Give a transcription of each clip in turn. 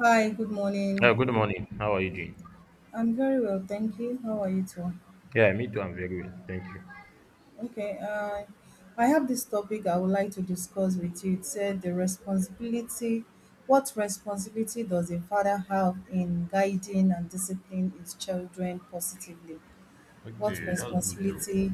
Hi, good Yeah, morning. good morning. How are you doing? I'm very well, thank you. How are you too? Yeah, me too. I'm very well. Thank you. Okay, I have this topic I would like to discuss with you. It said the responsibility, what responsibility does a father have in guiding and disciplining his children positively? What Okay, that's good though. responsibility,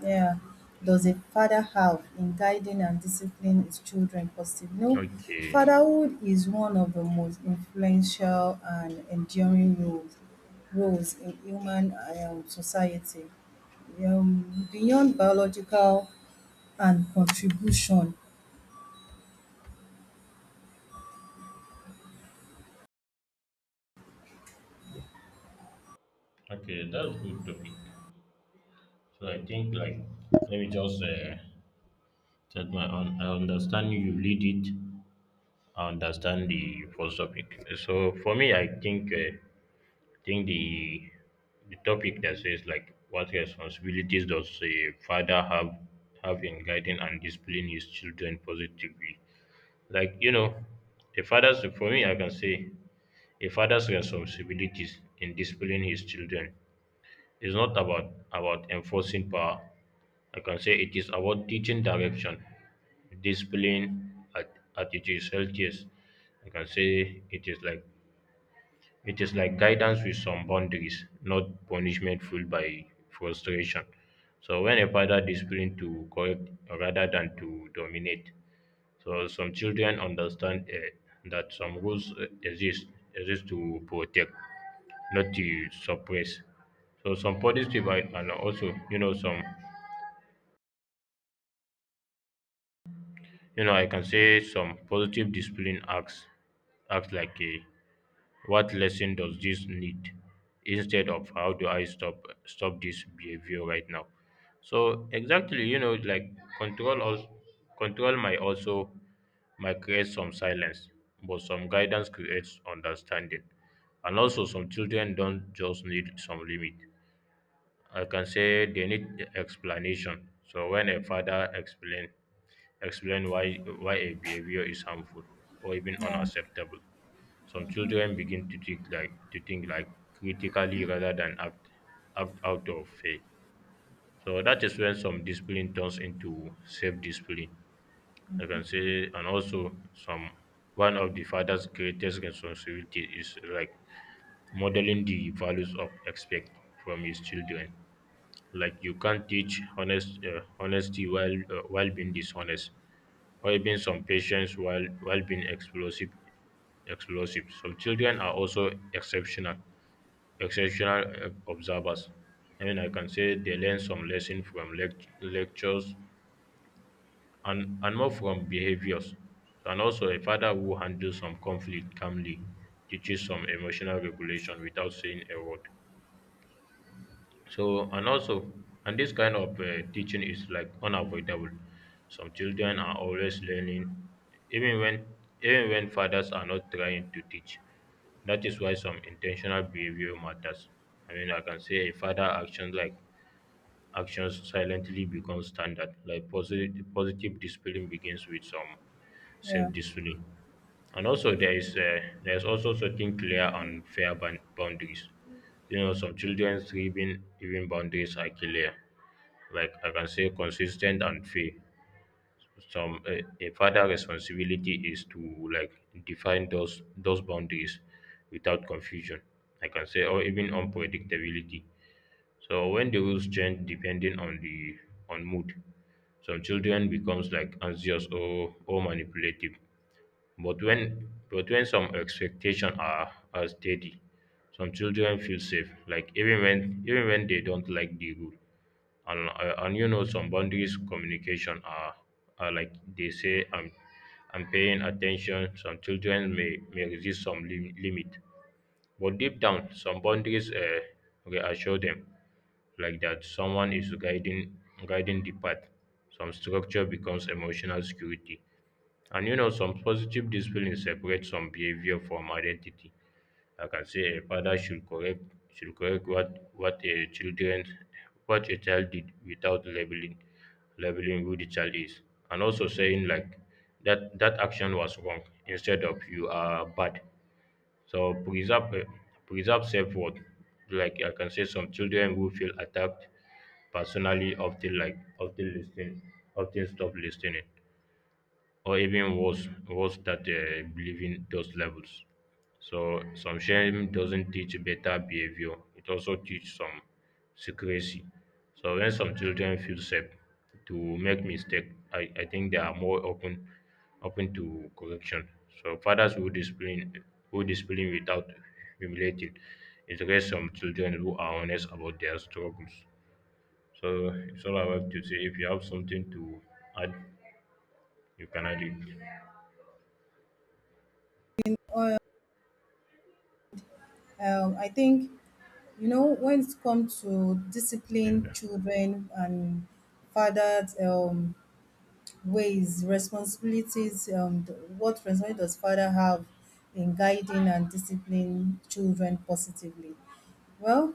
yeah, does a father have in guiding and disciplining his children positively? No. Okay. Fatherhood is one of the most influential and enduring roles in human society. Beyond biological and contribution. Okay, that's good topic. So I think like let me just set my own I understand you lead it. I understand the first topic. So for me I think the topic that says like what responsibilities does a father have in guiding and disciplining his children positively like you know a father's for me I can say a father's responsibilities in disciplining his children is not about enforcing power. I can say it is about teaching direction, discipline, attitudes, healthiest. I can say it is like guidance with some boundaries, not punishment fueled by frustration. So when a father discipline to correct rather than to dominate, so some children understand that some rules exist to protect, not to suppress. So some positive and also you know some you know I can say some positive discipline acts like a what lesson does this need instead of how do I stop this behavior right now? So exactly, you know, like control also control might also might create some silence, but some guidance creates understanding. And also some children don't just need some limit. I can say they need explanation. So when a father explain why a behavior is harmful or even Yeah, unacceptable some children begin to think like critically rather than act out of fear. So that is when some discipline turns into self-discipline. I can say, and also some one of the father's greatest responsibility is like modeling the values of expect from his children like you can't teach honest honesty while being dishonest or being some patience while being explosive some children are also exceptional observers I mean I can say they learn some lesson from lectures and more from behaviors and also a father who handles some conflict calmly teaches some emotional regulation without saying a word. So, and also, and this kind of teaching is like unavoidable. Some children are always learning, even when even when fathers are not trying to teach. That is why some intentional behavior matters. I mean, I can say a father action like actions silently become standard. Like positive discipline begins with some yeah. self-discipline, and also there is also setting clear and fair boundaries. You know, some children's even boundaries are clear. Like I can say, consistent and fair some a father responsibility is to like define those boundaries without confusion I can say or even unpredictability so when the rules change depending on the on mood some children becomes like anxious or manipulative but when some expectations are steady, some children feel safe. Like even when they don't like the rule, and you know some boundaries communication are like they say I'm paying attention. Some children may resist some limit, but deep down some boundaries reassure them like that someone is guiding the path. Some structure becomes emotional security, and you know, some positive discipline separates some behavior from identity. Like I say, a father should correct what a children what a child did without labeling who the child is, and also saying like that that action was wrong instead of you are bad. So preserve preserve self worth. Like I can say, some children who feel attacked personally often like often stop listening or even worse that believing those levels. So some shame doesn't teach better behavior; it also teaches some secrecy. So when some children feel safe to make mistake, I think they are more open to correction. So fathers who discipline without humiliating it raise some children who are honest about their struggles. So it's all I have to say. If you have something to add, you can add it. Or, I think, you know, when it comes to discipline Yeah. children and fathers, ways, responsibilities, what responsibility does father have in guiding and disciplining children positively? Well,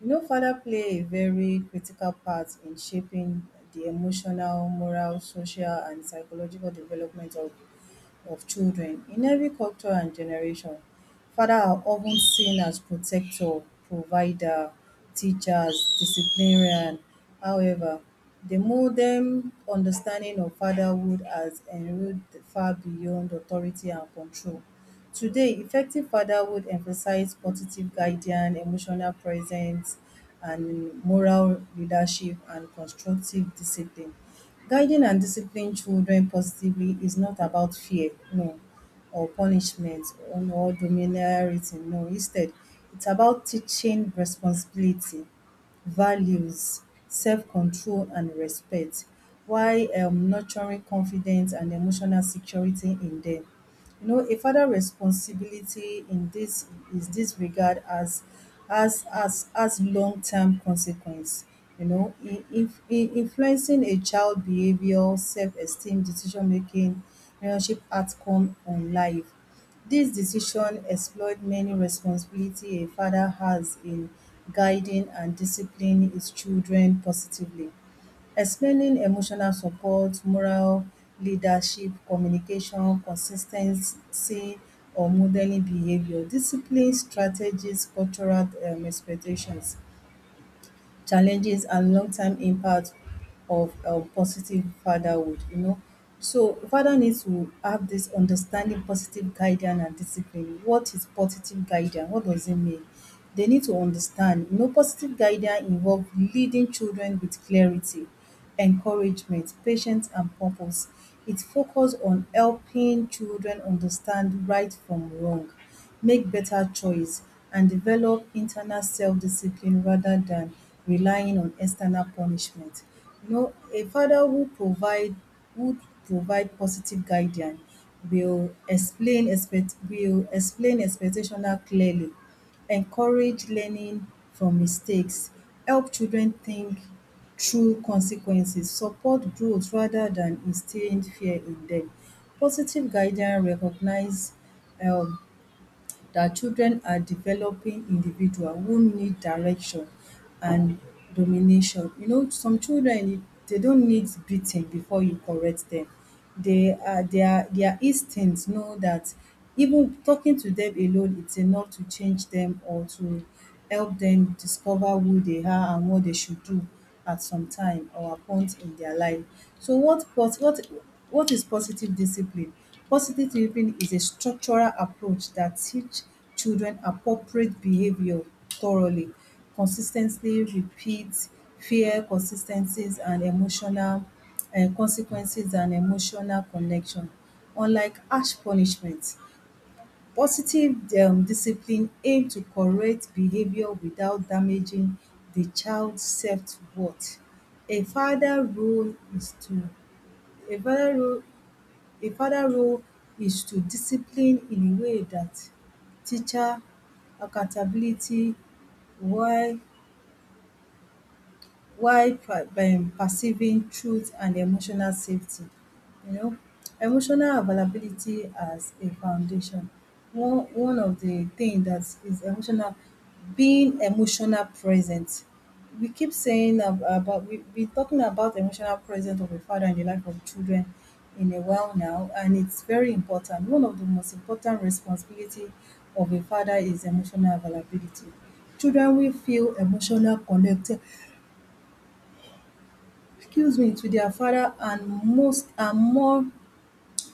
you know, father play a very critical part in shaping the emotional, moral, social, and psychological development of children in every culture and generation. Fathers are often seen as protector, provider, teachers, disciplinarian. However, the modern understanding of fatherhood has enrolled far beyond authority and control. Today, effective fatherhood emphasizes positive guidance, emotional presence and moral leadership and constructive discipline. Guiding and disciplining children positively is not about fear, no, or punishment or domineering, no. Instead, it's about teaching responsibility, values, self-control and respect while nurturing confidence and emotional security in them. You know, a father responsibility in this regard, as long term consequence. You know, in influencing a child behaviour, self-esteem, decision making, relationship outcome on life. This decision explored many responsibility a father has in guiding and disciplining his children positively, explaining emotional support, moral leadership, communication, consistency or modeling behavior, discipline strategies, cultural expectations, challenges and long-term impact of positive fatherhood, you know. So father needs to have this understanding positive guidance and discipline. What is positive guidance? What does it mean? They need to understand, you know, positive guidance involve leading children with clarity, encouragement, patience and purpose. It focus on helping children understand right from wrong, make better choice and develop internal self-discipline rather than relying on external punishment. You know, a father who provide would provide positive guidance will explain expect will explain expectation clearly, encourage learning from mistakes, help children think through consequences, support growth rather than instilling fear in them. Positive guidance recognize um that children are developing individual who need direction and domination. You know, some children they don't need beating before you correct them. They are their instincts know that even talking to them alone it's enough to change them or to help them discover who they are and what they should do at some time or a point in their life. So what is positive discipline? Positive discipline is a structural approach that teach children appropriate behavior thoroughly, consistently repeat fear consistencies and emotional consequences and emotional connection. Unlike harsh punishment, positive discipline aim to correct behavior without damaging the child's self-worth. A father role is to, a father role a father role is to discipline in a way that teacher accountability while perceiving truth and emotional safety. You know, emotional availability as a foundation. One of the thing that is emotional, being emotional present. We keep saying about, we talking about emotional presence of a father in the life of children in a while now, and it's very important. One of the most important responsibility of a father is emotional availability. Children will feel emotional connected, excuse me, to their father and most are more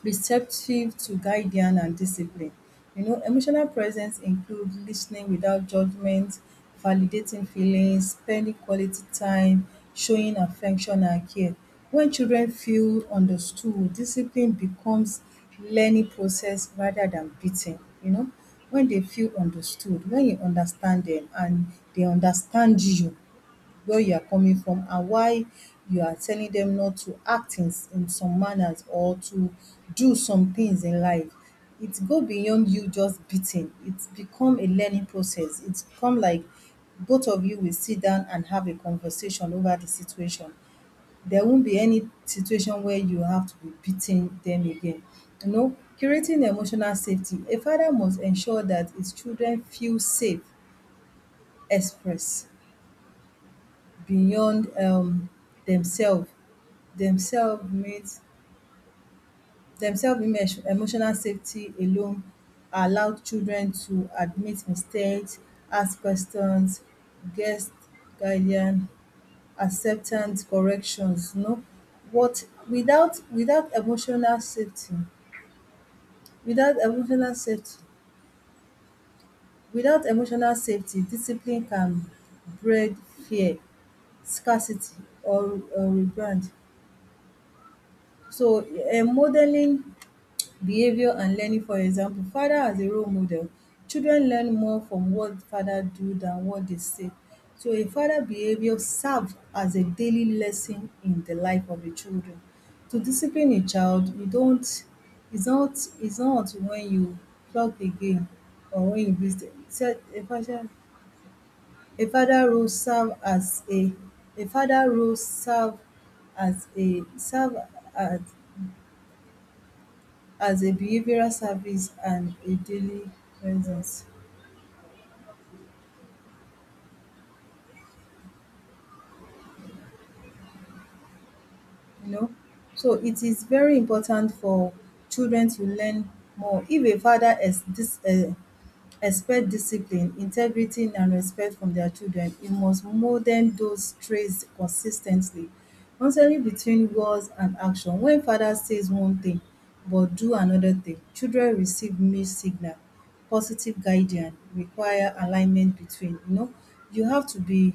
receptive to guidance and discipline. You know, emotional presence includes listening without judgment, validating feelings, spending quality time, showing affection and care. When children feel understood, discipline becomes learning process rather than beating, you know. When they feel understood, when you understand them and they understand you, where you are coming from and why you are telling them not to act in some manners or to do some things in life. It go beyond you just beating. It's become a learning process. It's become like both of you will sit down and have a conversation over the situation. There won't be any situation where you have to be beating them again. You know, creating emotional safety. A father must ensure that his children feel safe, express beyond Demself Demself demself emotional safety alone allow children to admit mistakes, ask questions, get guidance, acceptance corrections, you know. But without emotional safety, without emotional safety discipline can breed fear, scarcity or rebrand. So, modeling behavior and learning, for example, father as a role model. Children learn more from what father do than what they say. So, a father behavior serve as a daily lesson in the life of the children. To discipline a child, you don't, it's not it's not when you plug the game or when you beat them. So, a father role serve as a a father role serve serve as as a behavioral service and a daily presence, you know. So it is very important for children to learn more if a father ex dis expect discipline, integrity and respect from their children, he must mold them those traits consistently. Ten tly Between words and action, when father says one thing but do another thing, children receive mixed signal. Positive guidance require alignment between, you know, you have to be,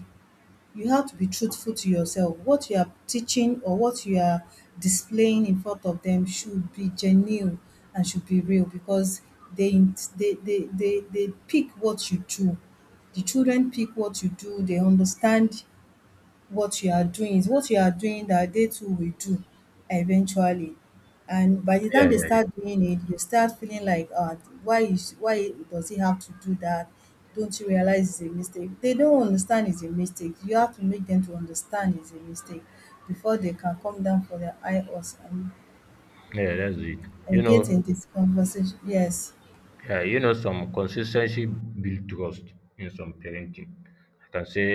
truthful to yourself. What you are teaching or what you are displaying in front of them should be genuine and should be real, because they they pick what you do. The children pick what you do, they understand what you are doing is what you are doing that they too will do eventually. And by the time Yeah, they yeah, start doing it, you start feeling like, "Ah, why does he have to do that? Don't you realize it's a mistake?" They don't understand it's a mistake. You have to make them to understand it's a mistake before they can come down for their eye us and yeah. Yeah, that's it. You engage in know, this conversation. Yes. yeah, you know, some consistency build trust in some parenting. I can say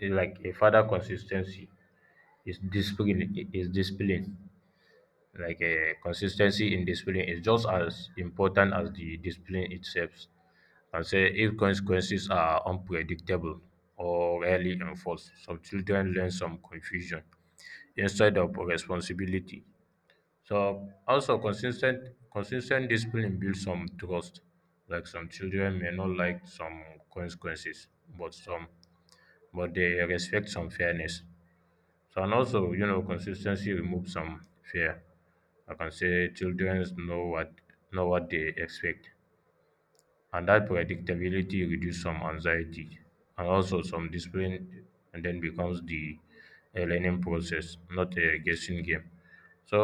like a father consistency is discipline is discipline. Like a consistency in discipline is just as important as the discipline itself. And say if consequences are unpredictable or rarely enforced, some children learn some confusion instead of responsibility. So also consistent discipline builds some trust. Like some children may not like some consequences, but some but they respect some fairness. So and also, you know, consistency removes some fear. I can say children know what they expect and that predictability reduce some anxiety and also some discipline and then becomes the a learning process not a guessing game so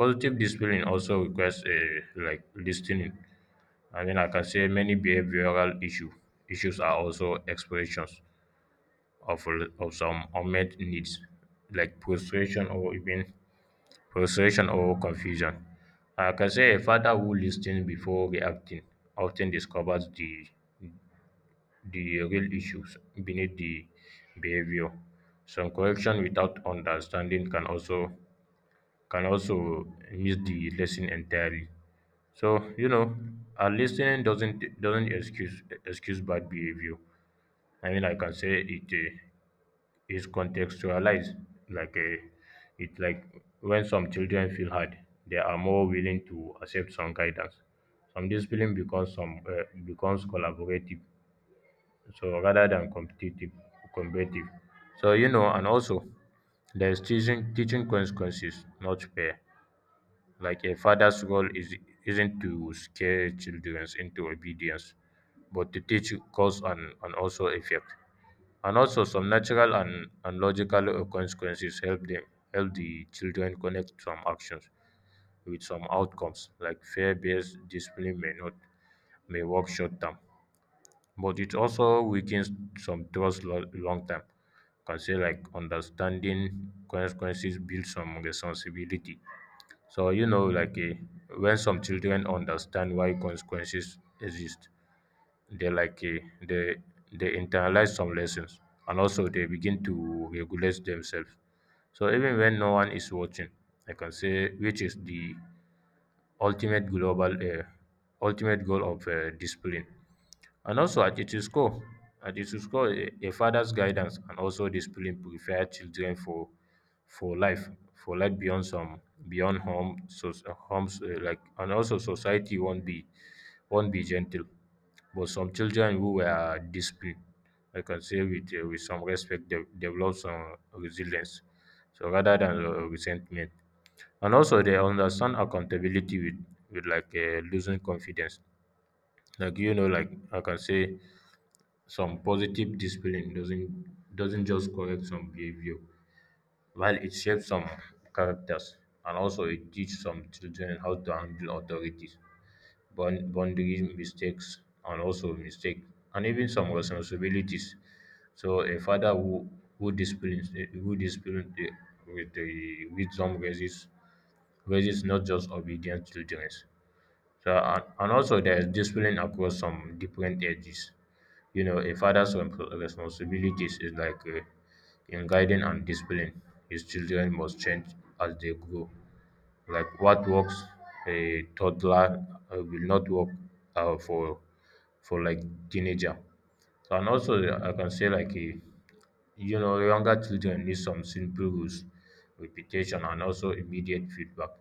positive discipline also requires a like listening I mean I can say many behavioral issues are also expressions of of some unmet needs like frustration or even frustration or confusion I can say a father who listens before reacting often discovers the real issues beneath the behavior. Some correction without understanding can also miss the lesson entirely. So you know, our listening doesn't excuse bad behavior. I mean, like I can say it is contextualized. Like it like when some children feel hard, they are more willing to accept some guidance. Some discipline becomes some becomes collaborative so rather than competitive so you know and also there's teaching consequences not fair like a father's role is isn't to scare children into obedience but to teach cause and also effect and also some natural and logical consequences help them help the children connect some actions with some outcomes like fear-based discipline may not may work short term but it also weakens some trust long term. Can say like understanding consequences builds some responsibility. So you know, like when some children understand why consequences exist, they like they they internalize some lessons, and also they begin to regulate themselves. So even when no one is watching, I can say which is the ultimate global ultimate goal of discipline. And also at its core, a father's guidance and also discipline prepare children for life, for life beyond some beyond home, so homes like and also society won't be gentle. But some children who were disciplined, I can say with some respect, they develop some resilience, so rather than resentment. And also they understand accountability with like losing confidence. Like you know, like I can say some positive discipline doesn't just correct some behavior while it shapes some characters and also it teaches some children how to handle authorities boundaries mistakes and also mistake and even some responsibilities so a father who disciplines with the wisdom raises not just obedient children so and also there is discipline across some different ages you know, a father's responsibilities is like in guiding and discipline. His children must change as they grow. Like what works a toddler will not work uh, for for like teenager. So, and also I can say like you know younger children need some simple rules, repetition, and also immediate feedback.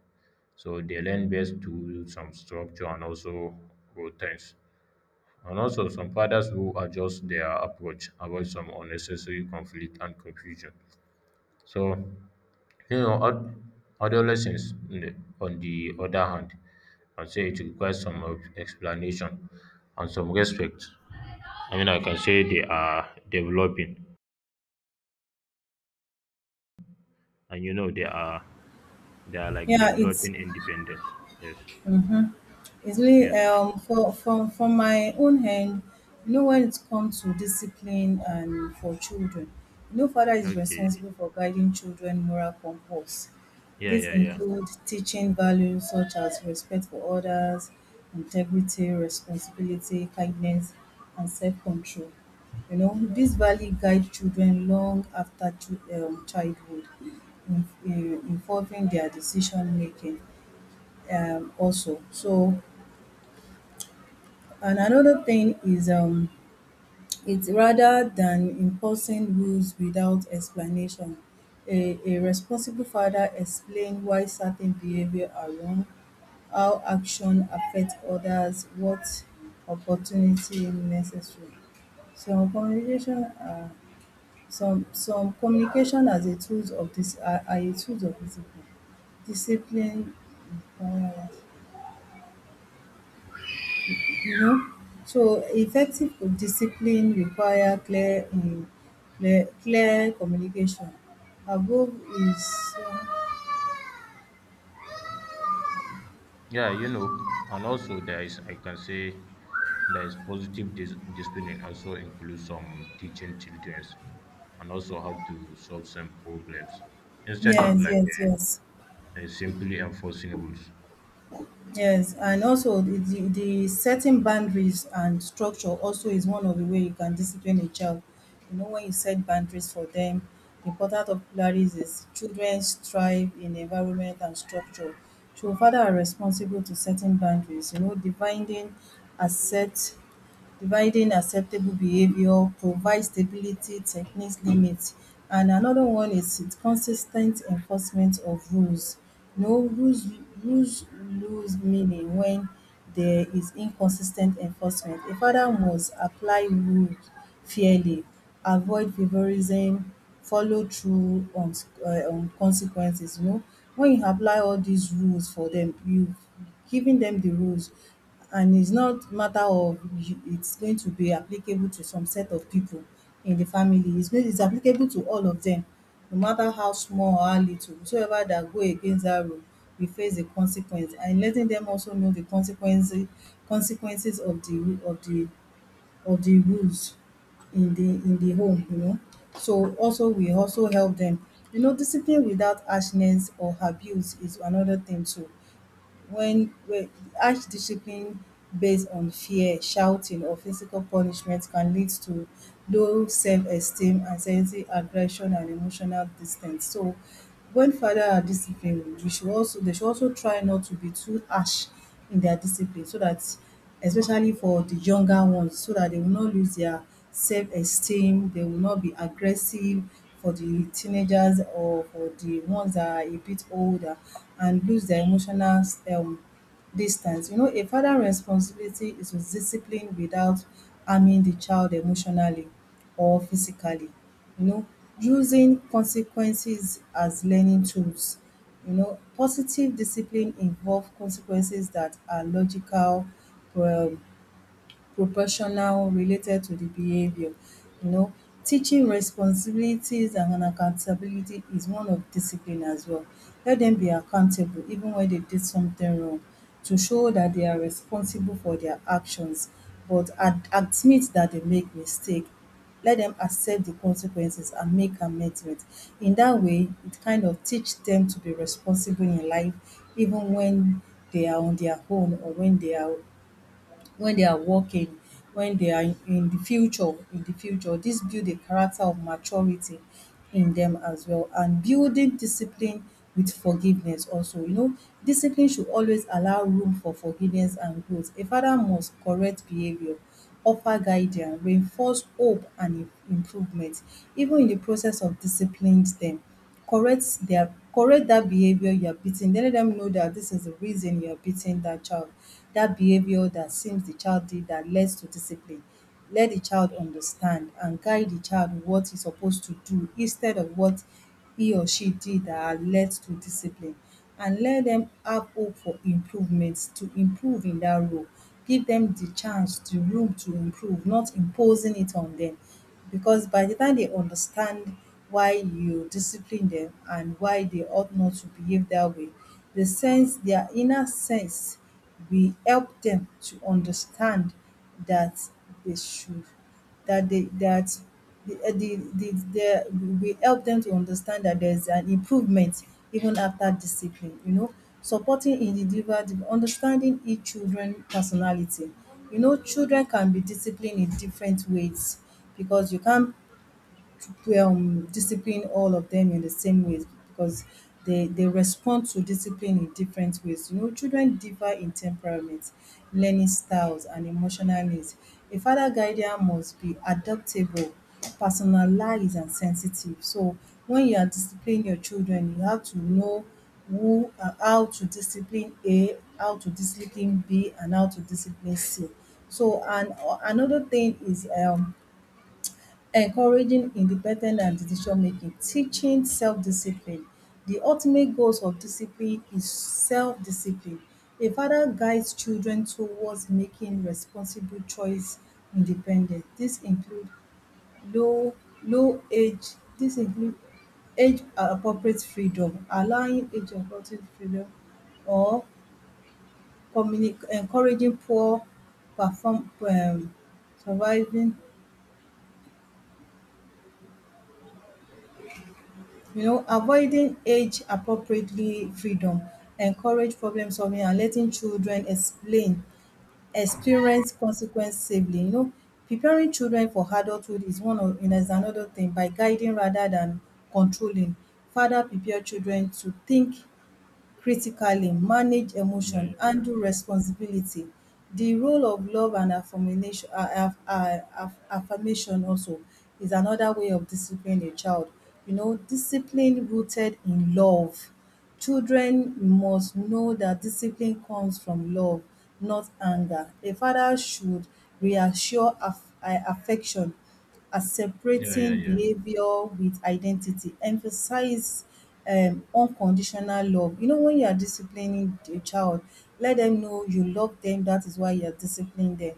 So they learn best to some structure and also routines. And also, some fathers who adjust their approach, avoid some unnecessary conflict and confusion. So, you know, adolescents, on the other hand, can say it requires some of explanation and some respect. I mean, I can say they are developing, and you know, they are like Yeah, it's developing independence. Yes, easily, yes, and for from my own hand, you know, when it comes to discipline and for children, you know, father is okay, responsible for guiding children moral compass. yeah, This yeah, yeah. include teaching values such as respect for others, integrity, responsibility, kindness, and self-control. You know, these values guide children long after childhood, involving their decision making, also. So, and another thing is, it's rather than imposing rules without explanation. A responsible father explains why certain behavior are wrong, how action affect others, what opportunity necessary. Some communication are some communication as a tools of this are a tools of discipline. Discipline uh, you know. So effective discipline require clear communication. Above is Yeah, you know, and also there is, I can say, there is positive discipline also includes some teaching children and also how to solve some problems instead of yes, like yes, yes. Simply enforcing rules. Yes, and also the setting boundaries and structure also is one of the way you can discipline a child. You know, when you set boundaries for them, the important of boundaries is children thrive in environment and structure. So father are responsible to setting boundaries, you know, dividing assets, dividing acceptable behavior, provide stability, techniques limits, and another one is consis ten enforcement of rules. No, rules lose meaning when there is inconsistent enforcement. A father must apply rules fairly, avoid favorism, follow through on, on consequences, you know. When you apply all these rules for them, you giving them the rules, and it's not matter of it's going to be applicable to some set of people in the family, it's going, it's applicable to all of them no matter how small or how little, whosoever that go against that rule will face the consequence, and letting them also know the consequences, of the of the rules in the home, you know. So also we also help them, you know, discipline without harshness or abuse is another thing too. When, harsh discipline based on fear, shouting, or physical punishment can lead to low self-esteem, anxiety, aggression, and emotional distance. So when father are disciplined, we should also, they should also try not to be too harsh in their discipline, so that, especially for the younger ones, so that they will not lose their self-esteem, they will not be aggressive, for the teenagers or for the ones that are a bit older, and lose their emotional um distance. You know, a father responsibility is to discipline without harming the child emotionally or physically. You know, using consequences as learning tools. You know, positive discipline involve consequences that are logical, um proportional, related to the behavior. You know, teaching responsibilities and accountability is one of discipline as well. Let them be accountable even when they did something wrong, to show that they are responsible for their actions, but ad admit that they make mistake. Let them accept the consequences and make amendment. In that way, it kind of teach them to be responsible in life even when they are on their own or when they are working, when they are in the future. This build a character of maturity in them as well. And building discipline with forgiveness also. You know, discipline should always allow room for forgiveness and growth. A father must correct behavior, offer guidance, reinforce hope and im improvement even in the process of disciplining them correct their correct that behavior you are beating. Then let them know that this is the reason you are beating that child, that behavior that seems the child did that leads to discipline. Let the child understand and guide the child what he's supposed to do instead of what he or she did that led to discipline, and let them have hope for improvements to improve in that role. Give them the chance, the room to improve, not imposing it on them, because by the time they understand why you discipline them and why they ought not to behave that way, the sense, their inner sense, will help them to understand that they should, that they that the we help them to understand that there's an improvement even after discipline. You know, supporting individual, understanding each children personality. You know, children can be disciplined in different ways because you can't discipline all of them in the same ways because they respond to discipline in different ways. You know, children differ in temperament, learning styles, and emotional needs. A father guardian must be adaptable, personalized, and sensitive. So, when you are disciplining your children, you have to know who how to discipline A, how to discipline B, and how to discipline C. So, and another thing is, encouraging independent and decision-making, teaching self-discipline. The ultimate goals of discipline is self-discipline. A father guides children towards making responsible choice independent. This include low low age this include age appropriate freedom, allowing age appropriate freedom or communi encouraging poor perform surviving You know, avoiding age appropriately freedom, encourage problem solving and letting children experience consequence safely. You know, preparing children for adulthood is one of is another thing by guiding rather than controlling. Father prepare children to think critically, manage Yeah, emotion, yeah, handle responsibility. The role of love and affirmation, affirmation also, is another way of discipline a child. You know, discipline rooted in love. Children must know that discipline comes from love, not anger. A father should reassure affection as yeah, yeah, separating yeah, behavior with identity. Emphasize unconditional love. You know, when you are disciplining a child, let them know you love them. That is why you are disciplining them.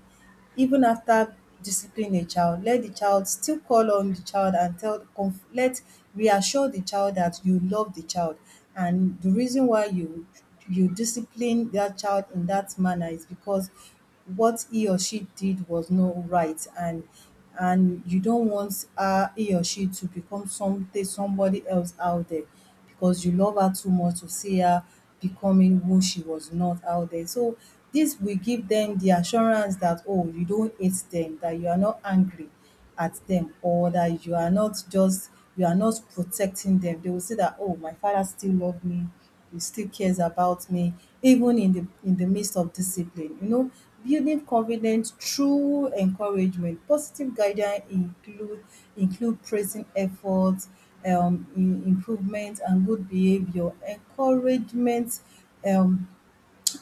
Even after discipline a child, let the child still call on the child and tell conf- let reassure the child that you love the child. And the reason why you discipline that child in that manner is because what he or she did was not right, and you don't want her he or she to become something somebody else out there, because you love her too much to see her becoming who she was not out there. So this will give them the assurance that, oh, you don't hate them, that you are not angry at them, or that you are not just you are not protecting them. They will say that, oh, my father still loves me, he still cares about me, even in the midst of discipline. You know, building confidence through encouragement, positive guidance include praising efforts, improvement and good behavior, encouragement um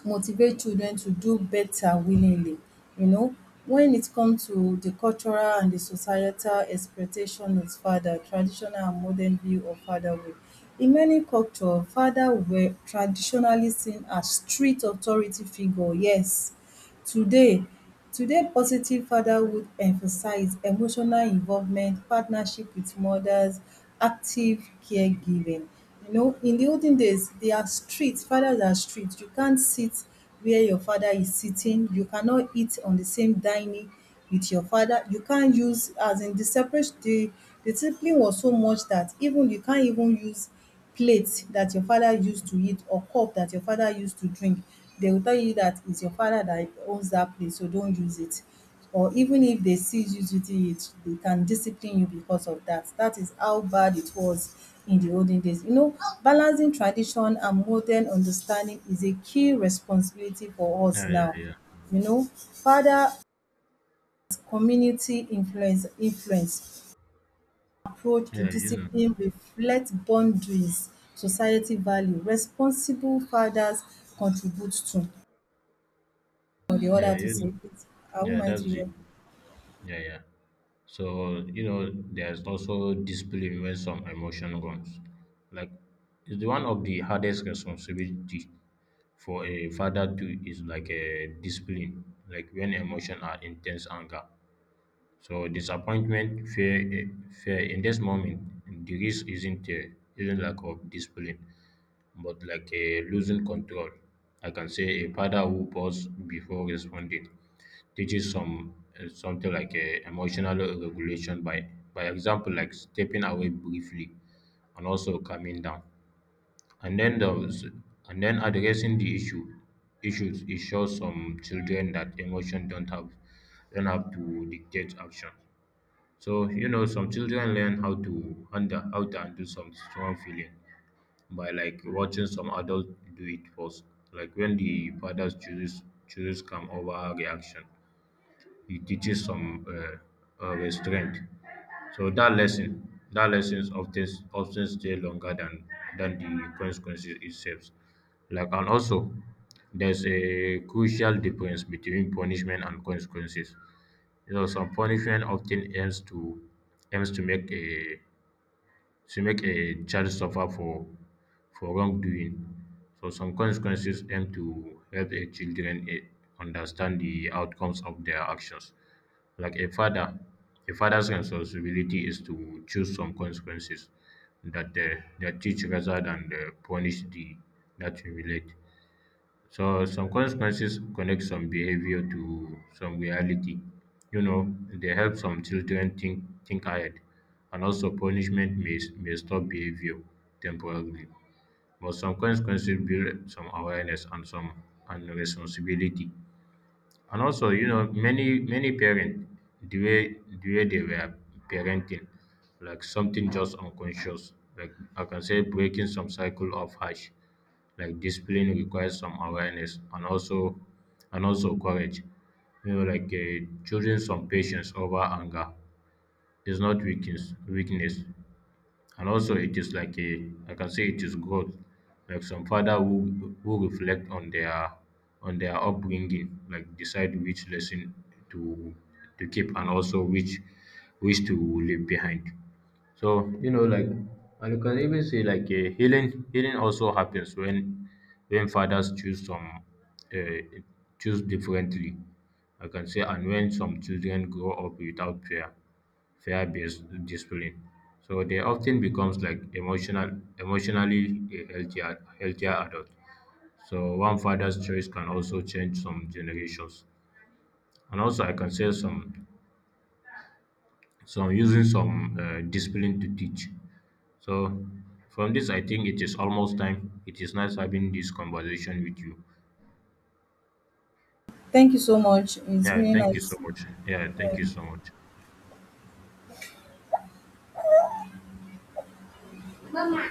motivate children to do better willingly. You know, when it comes to the cultural and the societal expectation of father, traditional and modern view of fatherhood. In many culture, father were traditionally seen as strict authority figure. Yes, today today positive fatherhood emphasize emotional involvement, partnership with mothers, active caregiving. You know, in the olden days, they are strict. Fathers are strict. You can't sit where your father is sitting, you cannot eat on the same dining with your father, you can't use, as in, the separate, the discipline was so much that even you can't even use plate that your father used to eat, or cup that your father used to drink. They will tell you that it's your father that owns that plate, so don't use it. Or even if they see you using it, they can discipline you because of that. That is how bad it was in the olden days. You know, balancing tradition and modern understanding is a key responsibility for us yeah, now. yeah, yeah, You know, father community influence approach to yeah, yeah, you know, discipline reflects boundaries, society value. Responsible fathers contribute to. Or the other yeah, to you say know. it. I won't Yeah, mind to that's it. hear. Yeah, yeah. So, you know, there's also discipline when some emotion runs. Like, it's the one of the hardest responsibility for a father to is like a discipline, like when emotion are intense anger. So disappointment, fear, fear in this moment, the risk isn't lack of discipline, but like a losing control. I can say a father who pause before responding teaches some something like emotional regulation by example like stepping away briefly and also calming down and then those and then addressing the issues it shows some children that emotion don't have to dictate action so you know some children learn how to under how to undo some strong feeling by like watching some adults do it first like when the father chooses come over reaction he teaches some of his strength. So that lesson, that lessons often often stay longer than the consequences itself. Like and also, there's a crucial difference between punishment and consequences. You know, some punishment often aims to make a to make a child suffer for wrongdoing. So some consequences aim to help a children understand the outcomes of their actions. Like a father's responsibility is to choose some consequences that that teach rather than punish the that humiliate. So some consequences connect some behavior to some reality. You know, they help some children think ahead, and also punishment may stop behavior temporarily. But some consequences build some awareness and some and responsibility. And also, you know, many parents the way the way they were parenting, like something just unconscious. Like I can say breaking some cycle of harsh. Like discipline requires some awareness and also courage. You know, like choosing some patience over anger is not weakness. And also, it is like a, I can say it is growth. Like some father who reflect on their upbringing, like decide which lesson to to keep and also which to leave behind. So you know, like, and you can even say like a healing. Healing also happens when fathers choose some uh, choose differently. I can say, and when some children grow up without prayer fear-based discipline. So they often becomes like emotional, emotionally a healthier adult. So one father's choice can also change some generations, and also I can say some using some discipline to teach. So from this, I think it is almost time. It is nice having this conversation with you. Thank you so much. It's Yeah, really thank you so nice. much. Yeah, thank you so much. Mama.